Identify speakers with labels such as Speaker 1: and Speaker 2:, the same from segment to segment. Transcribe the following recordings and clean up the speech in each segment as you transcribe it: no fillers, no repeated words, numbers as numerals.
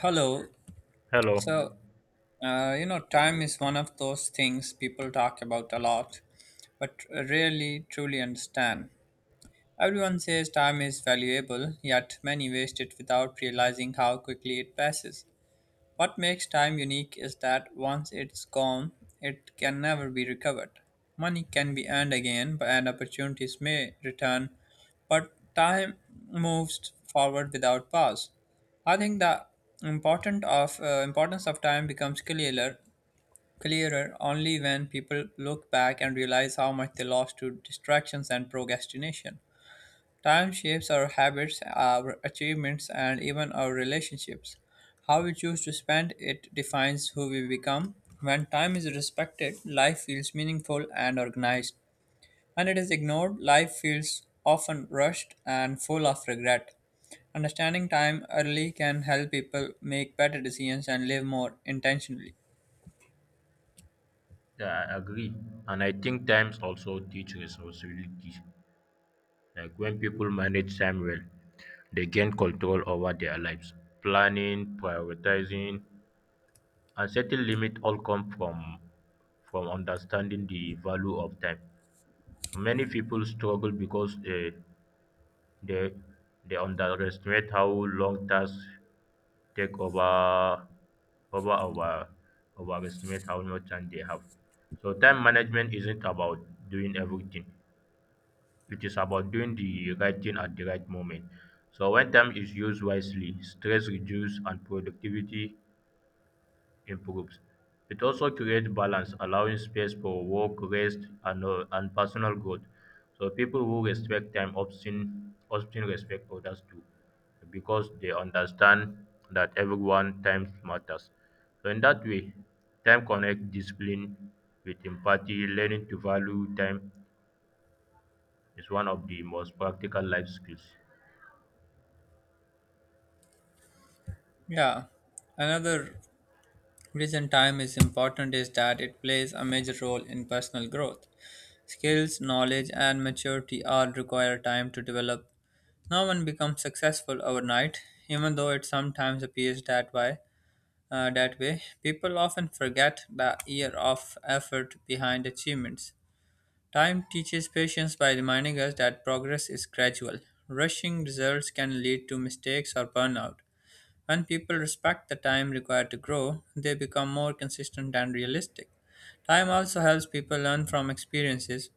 Speaker 1: Hello.
Speaker 2: Hello.
Speaker 1: So, time is one of those things people talk about a lot, but rarely truly understand. Everyone says time is valuable, yet many waste it without realizing how quickly it passes. What makes time unique is that once it's gone, it can never be recovered. Money can be earned again and opportunities may return, but time moves forward without pause. I think the important of importance of time becomes clearer only when people look back and realize how much they lost to distractions and procrastination. Time shapes our habits, our achievements, and even our relationships. How we choose to spend it defines who we become. When time is respected, life feels meaningful and organized. When it is ignored, life feels often rushed and full of regret. Understanding time early can help people make better decisions and live more intentionally.
Speaker 2: Yeah, I agree. And I think times also teach responsibility. Like when people manage time well, they gain control over their lives. Planning, prioritizing, and setting limits all come from understanding the value of time. Many people struggle because they they underestimate how long tasks take over our overestimate how much time they have. So time management isn't about doing everything. It is about doing the right thing at the right moment. So when time is used wisely, stress reduce and productivity improves. It also creates balance, allowing space for work, rest, and personal growth. So people who respect time often respect others too, because they understand that everyone time matters. So in that way, time connects discipline with empathy. Learning to value time is one of the most practical life skills.
Speaker 1: Yeah. Another reason time is important is that it plays a major role in personal growth. Skills, knowledge, and maturity all require time to develop. No one becomes successful overnight, even though it sometimes appears that way. People often forget the year of effort behind achievements. Time teaches patience by reminding us that progress is gradual. Rushing results can lead to mistakes or burnout. When people respect the time required to grow, they become more consistent and realistic. Time also helps people learn from experiences.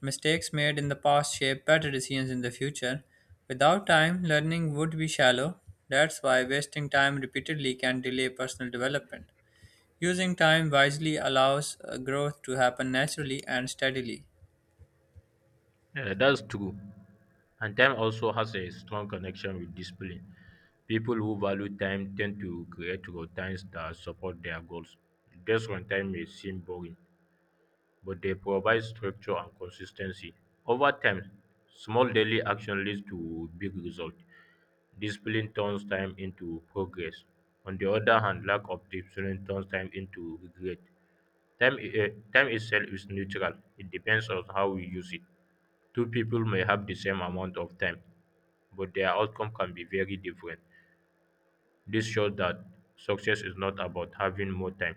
Speaker 1: Mistakes made in the past shape better decisions in the future. Without time, learning would be shallow. That's why wasting time repeatedly can delay personal development. Using time wisely allows growth to happen naturally and steadily.
Speaker 2: Yeah, that's true. And time also has a strong connection with discipline. People who value time tend to create routines that support their goals. Days on time may seem boring, but they provide structure and consistency. Over time, small daily action leads to big results. Discipline turns time into progress. On the other hand, lack of discipline turns time into regret. Time itself is neutral. It depends on how we use it. Two people may have the same amount of time, but their outcome can be very different. This shows that success is not about having more time,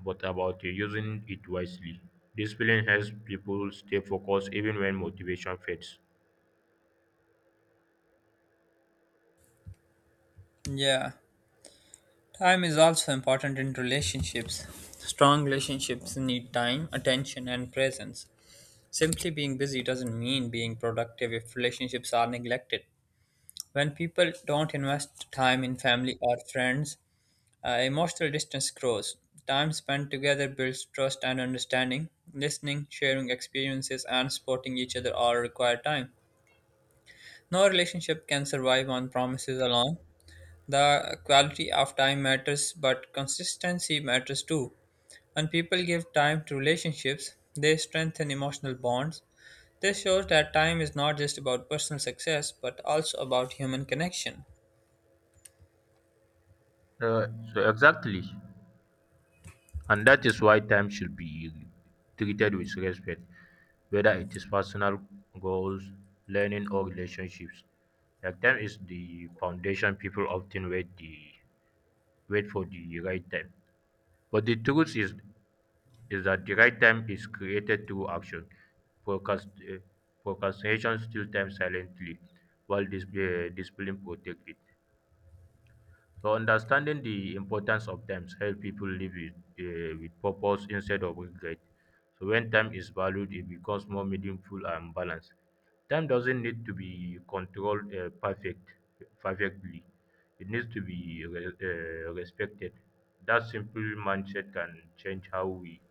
Speaker 2: but about using it wisely. Discipline helps people stay focused even when motivation fades.
Speaker 1: Yeah, time is also important in relationships. Strong relationships need time, attention, and presence. Simply being busy doesn't mean being productive if relationships are neglected. When people don't invest time in family or friends, emotional distance grows. Time spent together builds trust and understanding. Listening, sharing experiences, and supporting each other all require time. No relationship can survive on promises alone. The quality of time matters, but consistency matters too. When people give time to relationships, they strengthen emotional bonds. This shows that time is not just about personal success, but also about human connection.
Speaker 2: Uh, so exactly, and that is why time should be treated with respect, whether it is personal goals, learning, or relationships. Like time is the foundation people often wait for the right time. But the truth is that the right time is created through action. Procrast- uh, procrastination steals time silently, while discipline protects it. So understanding the importance of times help people live with purpose instead of regret. So when time is valued, it becomes more meaningful and balanced. Time doesn't need to be controlled perfectly. It needs to be respected. That simple mindset can change how we,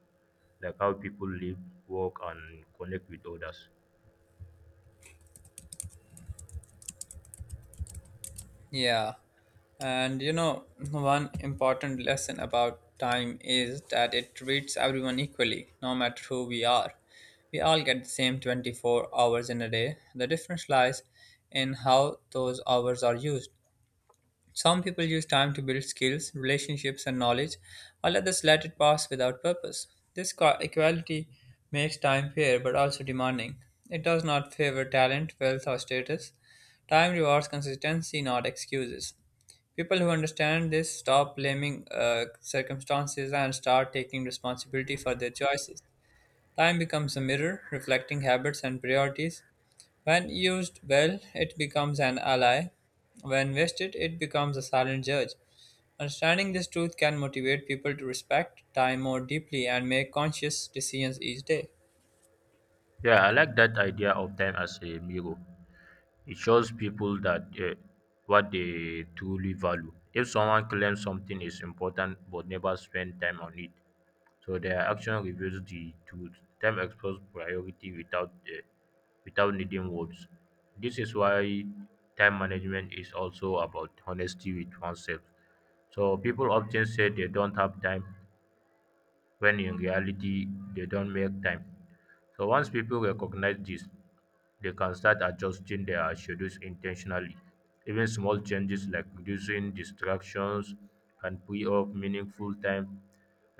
Speaker 2: like how people live, work, and connect with others.
Speaker 1: Yeah. And you know, one important lesson about time is that it treats everyone equally, no matter who we are. We all get the same 24 hours in a day. The difference lies in how those hours are used. Some people use time to build skills, relationships, and knowledge, while others let it pass without purpose. This equality makes time fair but also demanding. It does not favor talent, wealth, or status. Time rewards consistency, not excuses. People who understand this stop blaming circumstances and start taking responsibility for their choices. Time becomes a mirror reflecting habits and priorities. When used well, it becomes an ally. When wasted, it becomes a silent judge. Understanding this truth can motivate people to respect time more deeply and make conscious decisions each day.
Speaker 2: Yeah, I like that idea of time as a mirror. It shows people that what they truly value. If someone claims something is important but never spend time on it, so their action reveals the truth. Time exposes priority without needing words. This is why time management is also about honesty with oneself. So people often say they don't have time when in reality they don't make time. So once people recognize this, they can start adjusting their schedules intentionally. Even small changes like reducing distractions can free up meaningful time,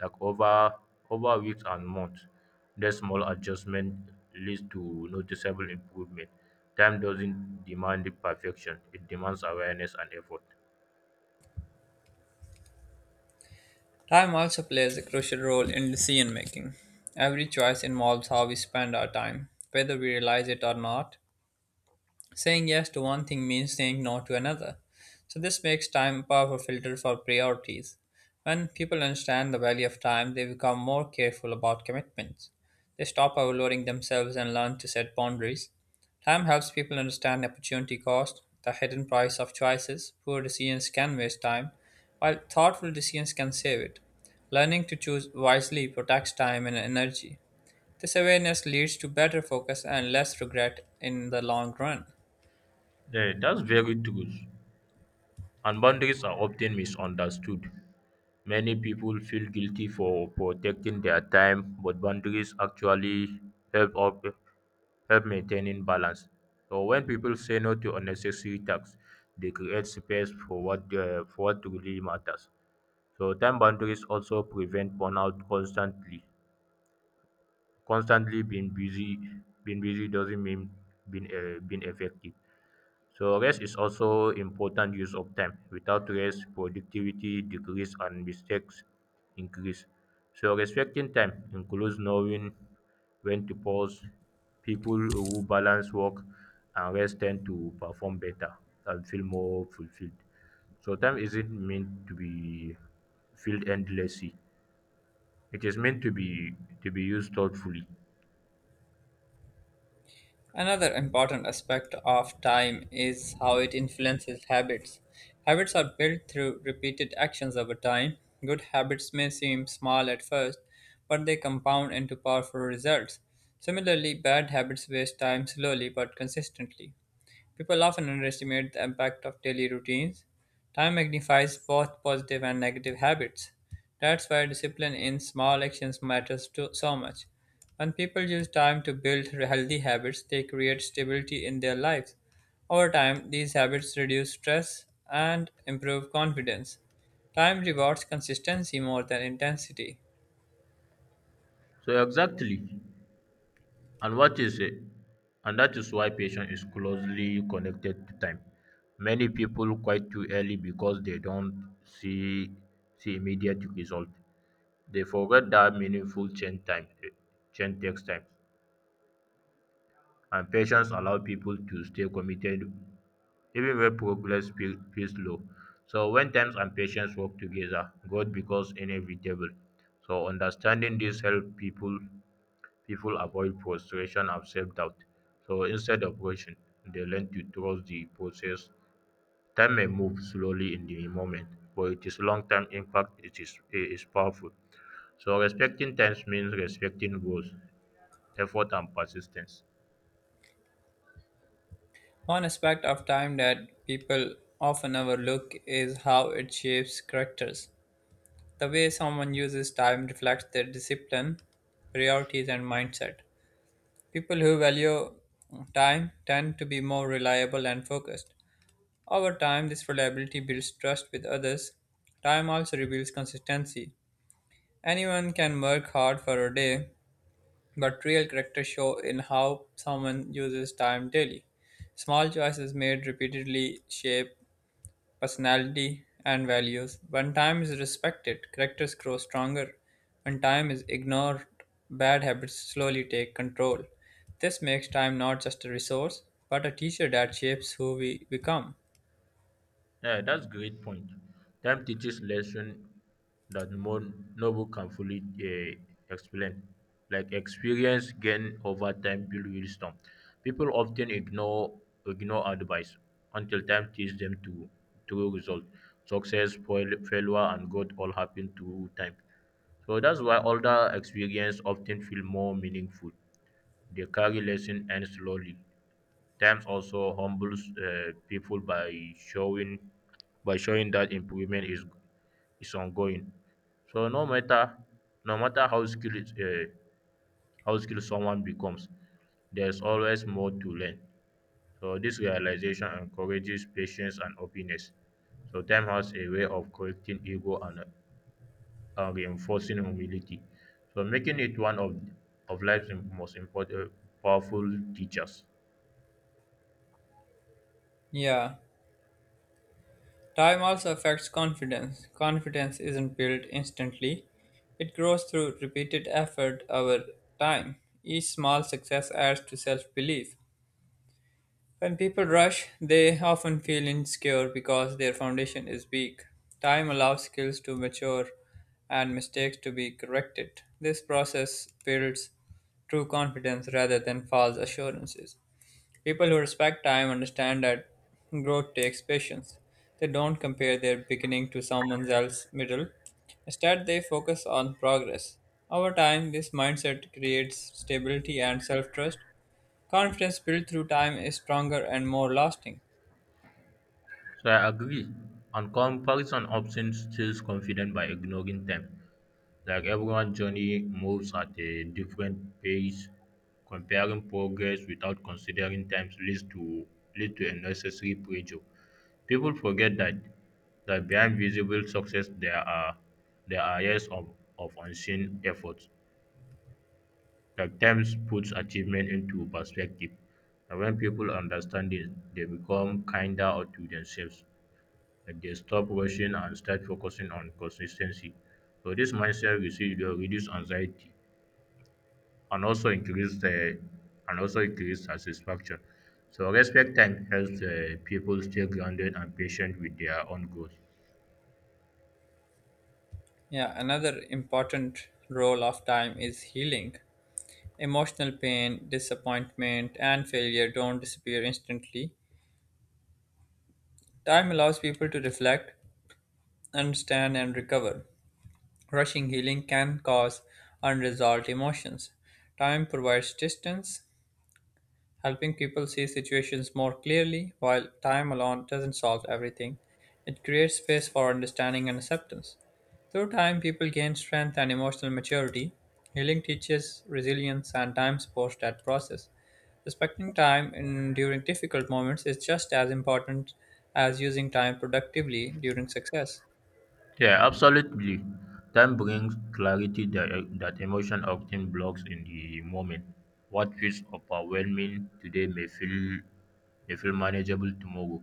Speaker 2: like over over weeks and months. That small adjustment leads to noticeable improvement. Time doesn't demand perfection; it demands awareness and effort.
Speaker 1: Time also plays a crucial role in decision making. Every choice involves how we spend our time, whether we realize it or not. Saying yes to one thing means saying no to another. So this makes time a powerful filter for priorities. When people understand the value of time, they become more careful about commitments. They stop overloading themselves and learn to set boundaries. Time helps people understand opportunity cost, the hidden price of choices. Poor decisions can waste time, while thoughtful decisions can save it. Learning to choose wisely protects time and energy. This awareness leads to better focus and less regret in the long run.
Speaker 2: Yeah, that's very true. And boundaries are often misunderstood. Many people feel guilty for protecting their time, but boundaries actually help up help maintaining balance. So when people say no to unnecessary tasks, they create space for what really matters. So time boundaries also prevent burnout constantly. Constantly being busy doesn't mean being effective. So rest is also important use of time. Without rest, productivity decrease and mistakes increase. So respecting time includes knowing when to pause. People who balance work and rest tend to perform better and feel more fulfilled. So time isn't meant to be filled endlessly. It is meant to be used thoughtfully.
Speaker 1: Another important aspect of time is how it influences habits. Habits are built through repeated actions over time. Good habits may seem small at first, but they compound into powerful results. Similarly, bad habits waste time slowly but consistently. People often underestimate the impact of daily routines. Time magnifies both positive and negative habits. That's why discipline in small actions matters to, so much. When people use time to build healthy habits, they create stability in their lives. Over time, these habits reduce stress and improve confidence. Time rewards consistency more than intensity.
Speaker 2: So exactly, And what is a and that is why patience is closely connected to time. Many people quit too early because they don't see immediate result. They forget that meaningful change takes time. And patience allow people to stay committed even when progress feels slow. So when times and patience work together, God becomes inevitable. So understanding this help people People avoid frustration and self doubt, so instead of rushing, they learn to trust the process. Time may move slowly in the moment, but its long term impact it is powerful. So, respecting times means respecting goals, effort, and persistence.
Speaker 1: One aspect of time that people often overlook is how it shapes characters. The way someone uses time reflects their discipline, priorities, and mindset. People who value time tend to be more reliable and focused. Over time, this reliability builds trust with others. Time also reveals consistency. Anyone can work hard for a day, but real character show in how someone uses time daily. Small choices made repeatedly shape personality, and values. When time is respected, characters grow stronger. When time is ignored, bad habits slowly take control. This makes time not just a resource, but a teacher that shapes who we become.
Speaker 2: Yeah, that's great point. Time teaches lesson that more no book can fully explain. Like experience gained over time build wisdom. People often ignore advice until time teaches them to true result. Success, failure, and growth all happen through time. So that's why older experience often feel more meaningful. They carry lesson and slowly. Times also humbles people by showing that improvement is ongoing. So no matter how skilled someone becomes, there is always more to learn. So this realization encourages patience and openness. So time has a way of correcting ego and reinforcing humility. So making it one of life's most important, powerful teachers.
Speaker 1: Yeah, time also affects confidence. Confidence isn't built instantly, it grows through repeated effort over time. Each small success adds to self belief. When people rush, they often feel insecure because their foundation is weak. Time allows skills to mature and mistakes to be corrected. This process builds true confidence rather than false assurances. People who respect time understand that growth takes patience. They don't compare their beginning to someone else's middle. Instead, they focus on progress. Over time, this mindset creates stability and self trust. Confidence built through time is stronger and more lasting.
Speaker 2: So I agree. And comparison often steals confidence by ignoring them. Like everyone's journey moves at a different pace. Comparing progress without considering times leads to unnecessary pressure. People forget that behind visible success there are years of unseen efforts. Like times puts achievement into perspective. And when people understand this, they become kinder to themselves like they stop rushing and start focusing on consistency. So this mindset will reduce anxiety and also increase satisfaction. So respect time helps people stay grounded and patient with their own goals.
Speaker 1: Yeah, another important role of time is healing. Emotional pain, disappointment, and failure don't disappear instantly. Time allows people to reflect, understand, and recover. Rushing healing can cause unresolved emotions. Time provides distance, helping people see situations more clearly, while time alone doesn't solve everything, it creates space for understanding and acceptance. Through time, people gain strength and emotional maturity. Healing teaches resilience, and time supports that process. Respecting time in, during difficult moments is just as important as using time productively during success.
Speaker 2: Yeah, absolutely. Time brings clarity that emotion often blocks in the moment. What feels overwhelming today may feel manageable tomorrow.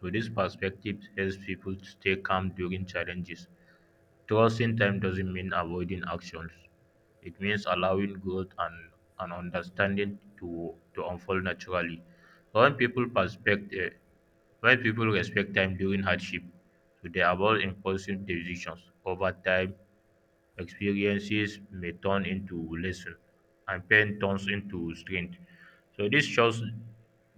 Speaker 2: So this perspective helps people stay calm during challenges. Trusting time doesn't mean avoiding actions. It means allowing growth and understanding to unfold naturally. When people respect eh, when people respect time during hardship, so they avoid impulsive decisions. Over time, experiences may turn into lesson, and pain turns into strength. So this shows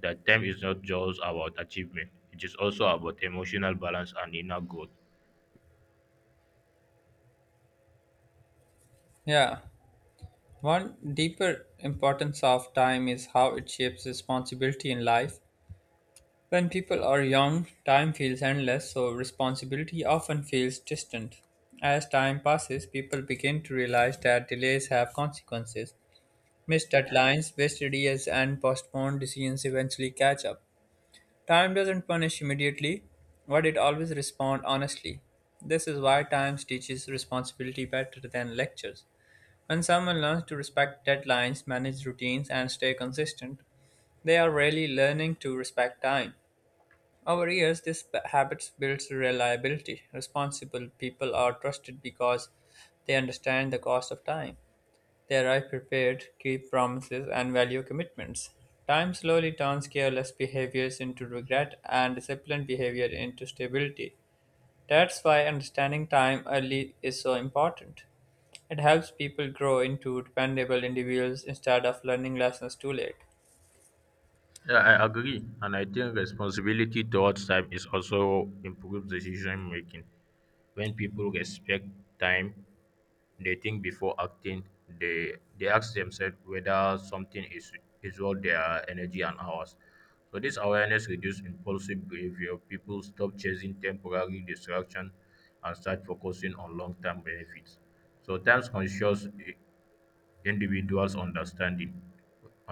Speaker 2: that time is not just about achievement; it is also about emotional balance and inner growth.
Speaker 1: Yeah, one deeper importance of time is how it shapes responsibility in life. When people are young, time feels endless, so responsibility often feels distant. As time passes, people begin to realize that delays have consequences. Missed deadlines, wasted years, and postponed decisions eventually catch up. Time doesn't punish immediately, but it always responds honestly. This is why time teaches responsibility better than lectures. When someone learns to respect deadlines, manage routines, and stay consistent, they are really learning to respect time. Over years, habit builds reliability. Responsible people are trusted because they understand the cost of time. They arrive prepared, keep promises, and value commitments. Time slowly turns careless behaviors into regret and disciplined behavior into stability. That's why understanding time early is so important. It helps people grow into dependable individuals instead of learning lessons too late.
Speaker 2: Yeah, I agree, and I think responsibility towards time is also improves decision making. When people respect time, they think before acting. They ask themselves whether something is worth their energy and hours. So this awareness reduces impulsive behavior. People stop chasing temporary distraction and start focusing on long-term benefits. So time conscious individuals understanding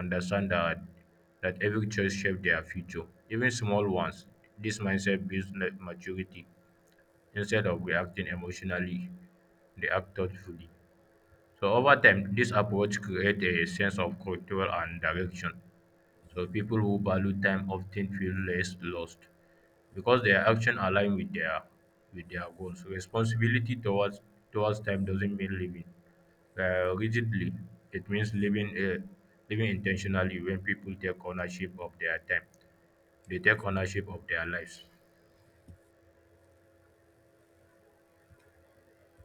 Speaker 2: understand that every choice shapes their future, even small ones. This mindset builds maturity. Instead of reacting emotionally, they act thoughtfully. So over time, this approach creates a sense of control and direction. So people who value time often feel less lost because their action align with their goals. So responsibility towards time doesn't mean living rigidly. It means living intentionally when people take ownership of their time. They take ownership of their lives.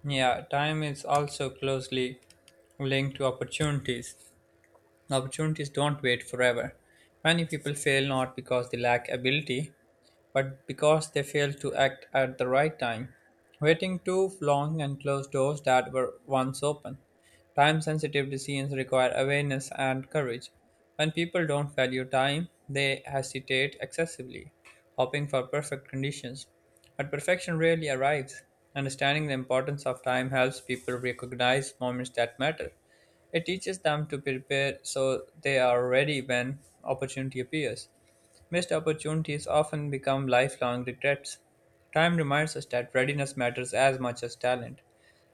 Speaker 1: Yeah, time is also closely linked to opportunities. Opportunities don't wait forever. Many people fail not because they lack ability, but because they failed to act at the right time, waiting too long and closed doors that were once open. Time sensitive decisions require awareness and courage. When people don't value time, they hesitate excessively, hoping for perfect conditions. But perfection rarely arrives. Understanding the importance of time helps people recognize moments that matter. It teaches them to prepare so they are ready when opportunity appears. Missed opportunities often become lifelong regrets. Time reminds us that readiness matters as much as talent.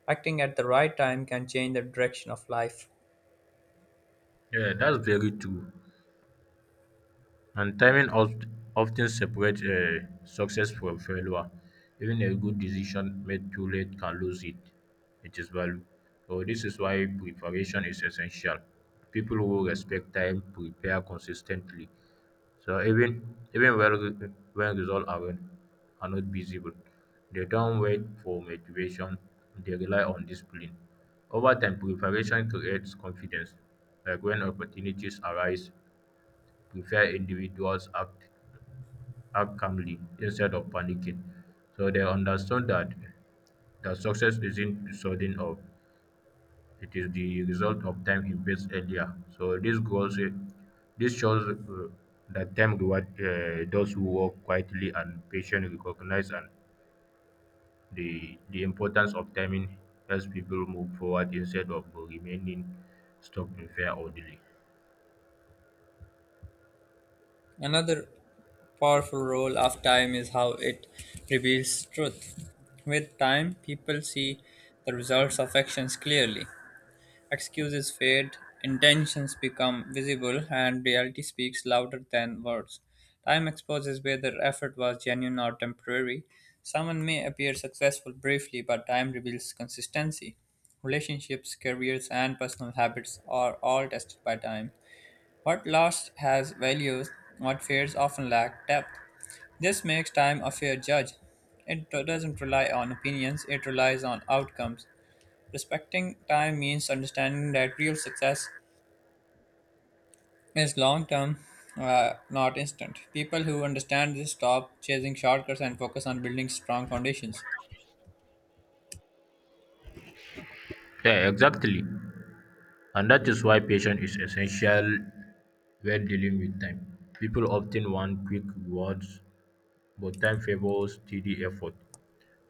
Speaker 1: Acting at the right time can change the direction of life.
Speaker 2: Yeah, that's very true. And timing often separates success from failure. Even a good decision made too late can lose it, it is value. So this is why preparation is essential. People who respect time prepare consistently. So even when results are not visible, they don't wait for motivation, they rely on discipline. Over time, preparation creates confidence. Like when opportunities arise, prefer act calmly instead of panicking. So they understand that the success isn't sudden or it is the result of time invested earlier. So this shows that time reward those who work quietly and patiently recognize and the importance of timing helps people move forward instead of remaining stuck in fear or delay.
Speaker 1: Another powerful role of time is how it reveals truth. With time, people see the results of actions clearly. Excuses fade, intentions become visible, and reality speaks louder than words. Time exposes whether effort was genuine or temporary. Someone may appear successful briefly, but time reveals consistency. Relationships, careers, and personal habits are all tested by time. What lasts has values, what fades often lack depth. This makes time a fair judge. It doesn't rely on opinions, it relies on outcomes. Respecting time means understanding that real success is long term, not instant. People who understand this stop chasing shortcuts and focus on building strong foundations.
Speaker 2: Yeah, exactly. And that is why patience is essential when dealing with time. People often want quick rewards, but time favors steady effort.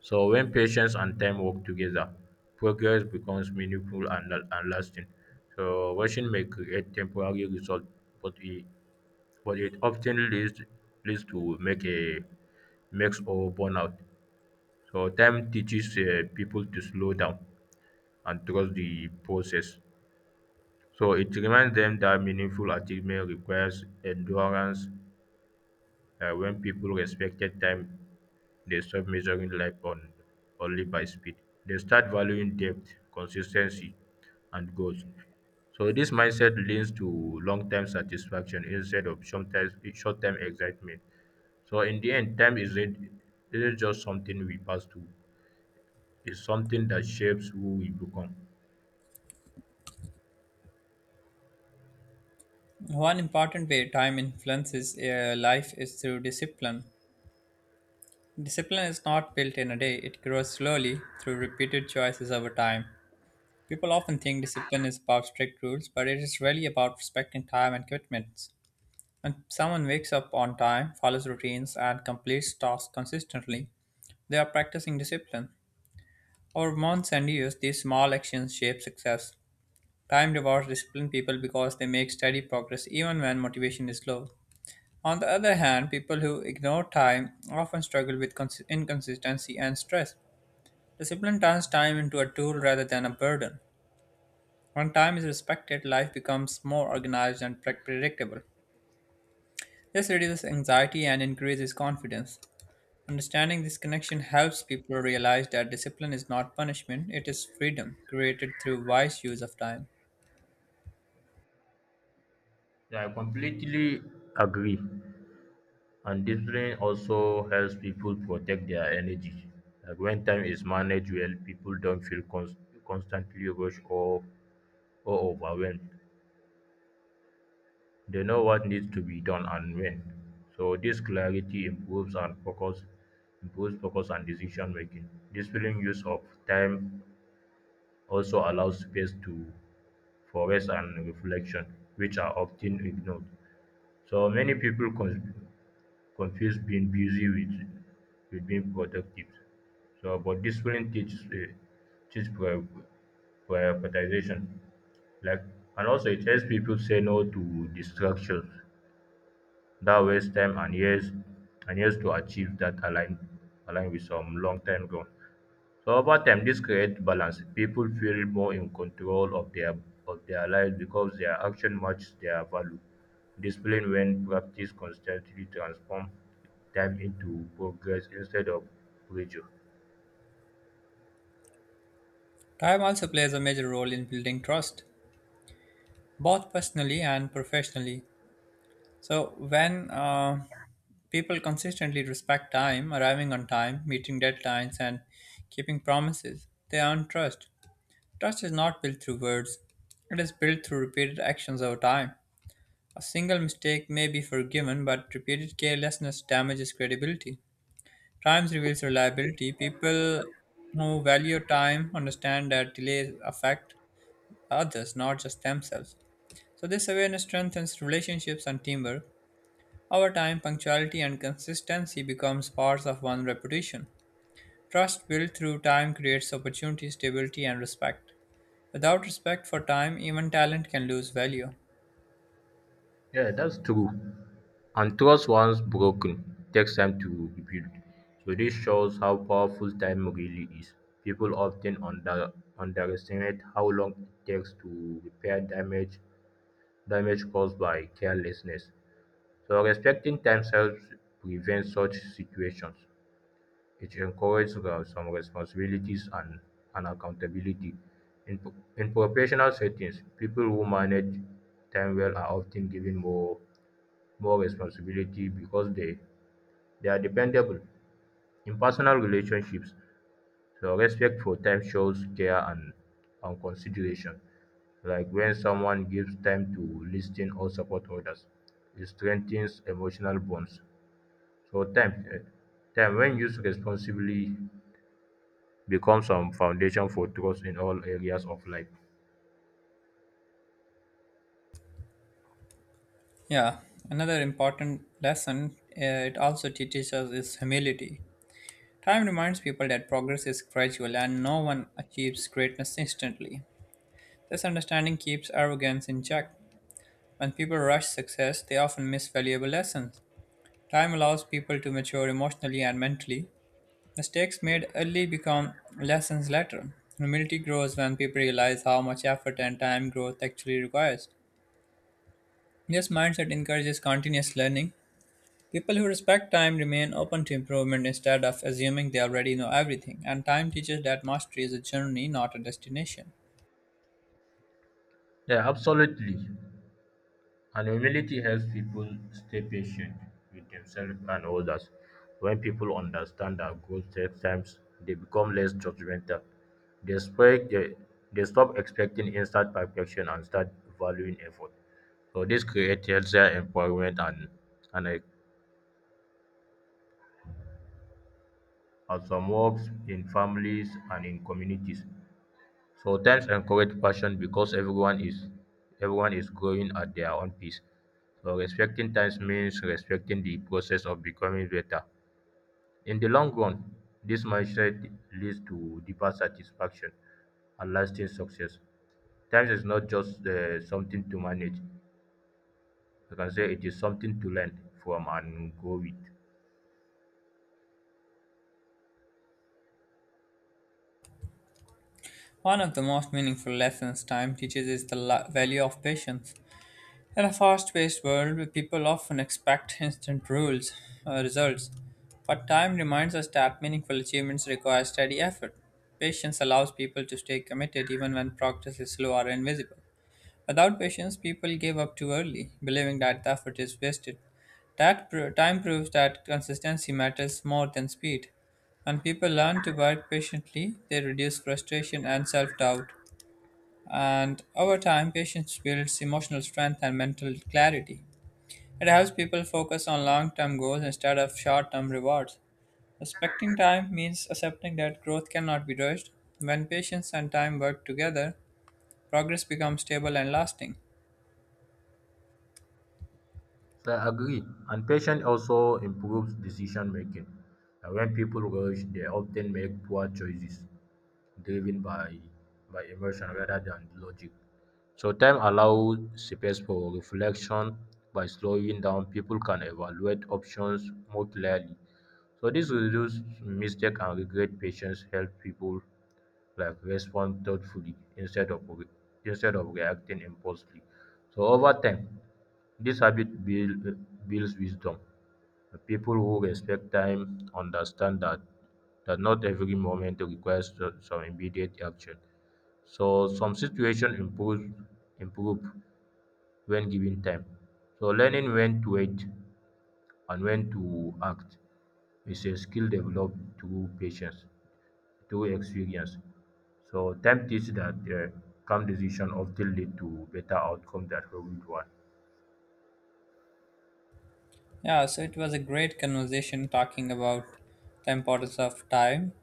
Speaker 2: So, when patience and time work together, progress becomes meaningful and lasting. So, rushing may create temporary results, but it, but it often leads to make a makes or burnout. So, time teaches people to slow down and trust the process. So it reminds them that meaningful achievement requires endurance. When people respected time, they stop measuring life on only by speed. They start valuing depth, consistency, and goals. So this mindset leads to long-term satisfaction instead of sometimes short-term excitement. So in the end, time isn't just something we pass through. It's something that shapes who we become.
Speaker 1: One important way time influences life is through discipline. Discipline is not built in a day, it grows slowly through repeated choices over time. People often think discipline is about strict rules, but it is really about respecting time and commitments. When someone wakes up on time, follows routines, and completes tasks consistently, they are practicing discipline. Over months and years, these small actions shape success. Time rewards disciplined people because they make steady progress even when motivation is low. On the other hand, people who ignore time often struggle with inconsistency and stress. Discipline turns time into a tool rather than a burden. When time is respected, life becomes more organized and predictable. This reduces anxiety and increases confidence. Understanding this connection helps people realize that discipline is not punishment, it is freedom created through wise use of time.
Speaker 2: Yeah, I completely agree. And discipline also helps people protect their energy. Like when time is managed well, people don't constantly rushed or overwhelmed. They know what needs to be done and when. So this clarity improves focus and decision making. Discipline use of time also allows space to for rest and reflection, which are often ignored. So many people confuse being busy with being productive. So, but discipline teaches teach prior- prioritization. Like, and also it helps people say no to distractions that waste time and years to achieve that align align with some long term goal. So over time, this creates balance. People feel more in control of their lives because their action matches their value. Discipline, when practiced constantly, transform time into progress instead of pressure.
Speaker 1: Time also plays a major role in building trust, both personally and professionally. So, when people consistently respect time, arriving on time, meeting deadlines, and keeping promises, they earn trust. Trust is not built through words, it is built through repeated actions over time. A single mistake may be forgiven, but repeated carelessness damages credibility. Time reveals reliability. People who value time understand that delays affect others, not just themselves. So, this awareness strengthens relationships and teamwork. Over time, punctuality and consistency becomes parts of one's reputation. Trust built through time creates opportunity, stability, and respect. Without respect for time, even talent can lose value.
Speaker 2: Yeah, that's true. And trust once broken takes time to rebuild. So this shows how powerful time really is. People often underestimate how long it takes to repair damage caused by carelessness. So respecting time helps prevent such situations. It encourages some responsibilities and accountability. In professional settings, people who manage time well are often given more responsibility because they are dependable. In personal relationships, so respect for time shows care and consideration. Like when someone gives time to listen or support others, it strengthens emotional bonds. Sometimes, time when used responsibly becomes some foundation for trust in all areas of life.
Speaker 1: Yeah, another important lesson it also teaches us is humility. Time reminds people that progress is gradual and no one achieves greatness instantly. This understanding keeps arrogance in check. When people rush success, they often miss valuable lessons. Time allows people to mature emotionally and mentally. Mistakes made early become lessons later. Humility grows when people realize how much effort and time growth actually requires. This mindset encourages continuous learning. People who respect time remain open to improvement instead of assuming they already know everything, and time teaches that mastery is a journey, not a destination.
Speaker 2: Yeah, absolutely. And humility helps people stay patient with themselves and others. When people understand that growth takes time, they become less judgmental. They, expect, they, they stop expecting instant perfection and start valuing effort. So this creates healthier environment and and some works in families and in communities. So times encourage passion because everyone is growing at their own pace. So respecting times means respecting the process of becoming better. In the long run, this mindset leads to deeper satisfaction and lasting success. Times is not just something to manage. You can say it is something to learn from and grow with.
Speaker 1: One of the most meaningful lessons time teaches is the value of patience. In a fast paced world, people often expect instant results, but time reminds us that meaningful achievements require steady effort. Patience allows people to stay committed even when progress is slow or invisible. Without patience, people give up too early, believing that the effort is wasted. Time proves that consistency matters more than speed. When people learn to work patiently, they reduce frustration and self doubt. And over time, patience builds emotional strength and mental clarity. It helps people focus on long term goals instead of short term rewards. Respecting time means accepting that growth cannot be rushed. When patience and time work together, progress becomes stable and lasting.
Speaker 2: So I agree. And patience also improves decision making. And when people rush, they often make poor choices driven by emotion rather than logic. So time allows space for reflection by slowing down. People can evaluate options more clearly. So this reduces mistake and regret. Patience help people like respond thoughtfully instead of reacting impulsively. So over time, this habit builds wisdom. The people who respect time understand that not every moment requires some immediate action. So some situation improve when given time. So learning when to wait and when to act is a skill developed through patience, through experience. So time teaches that calm decision often lead to better outcome than hurried one.
Speaker 1: Yeah, so it was a great conversation talking about the importance of time.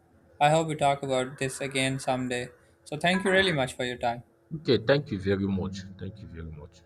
Speaker 1: I hope we talk about this again someday. So thank you really much for your time.
Speaker 2: Okay, thank you very much. Thank you very much.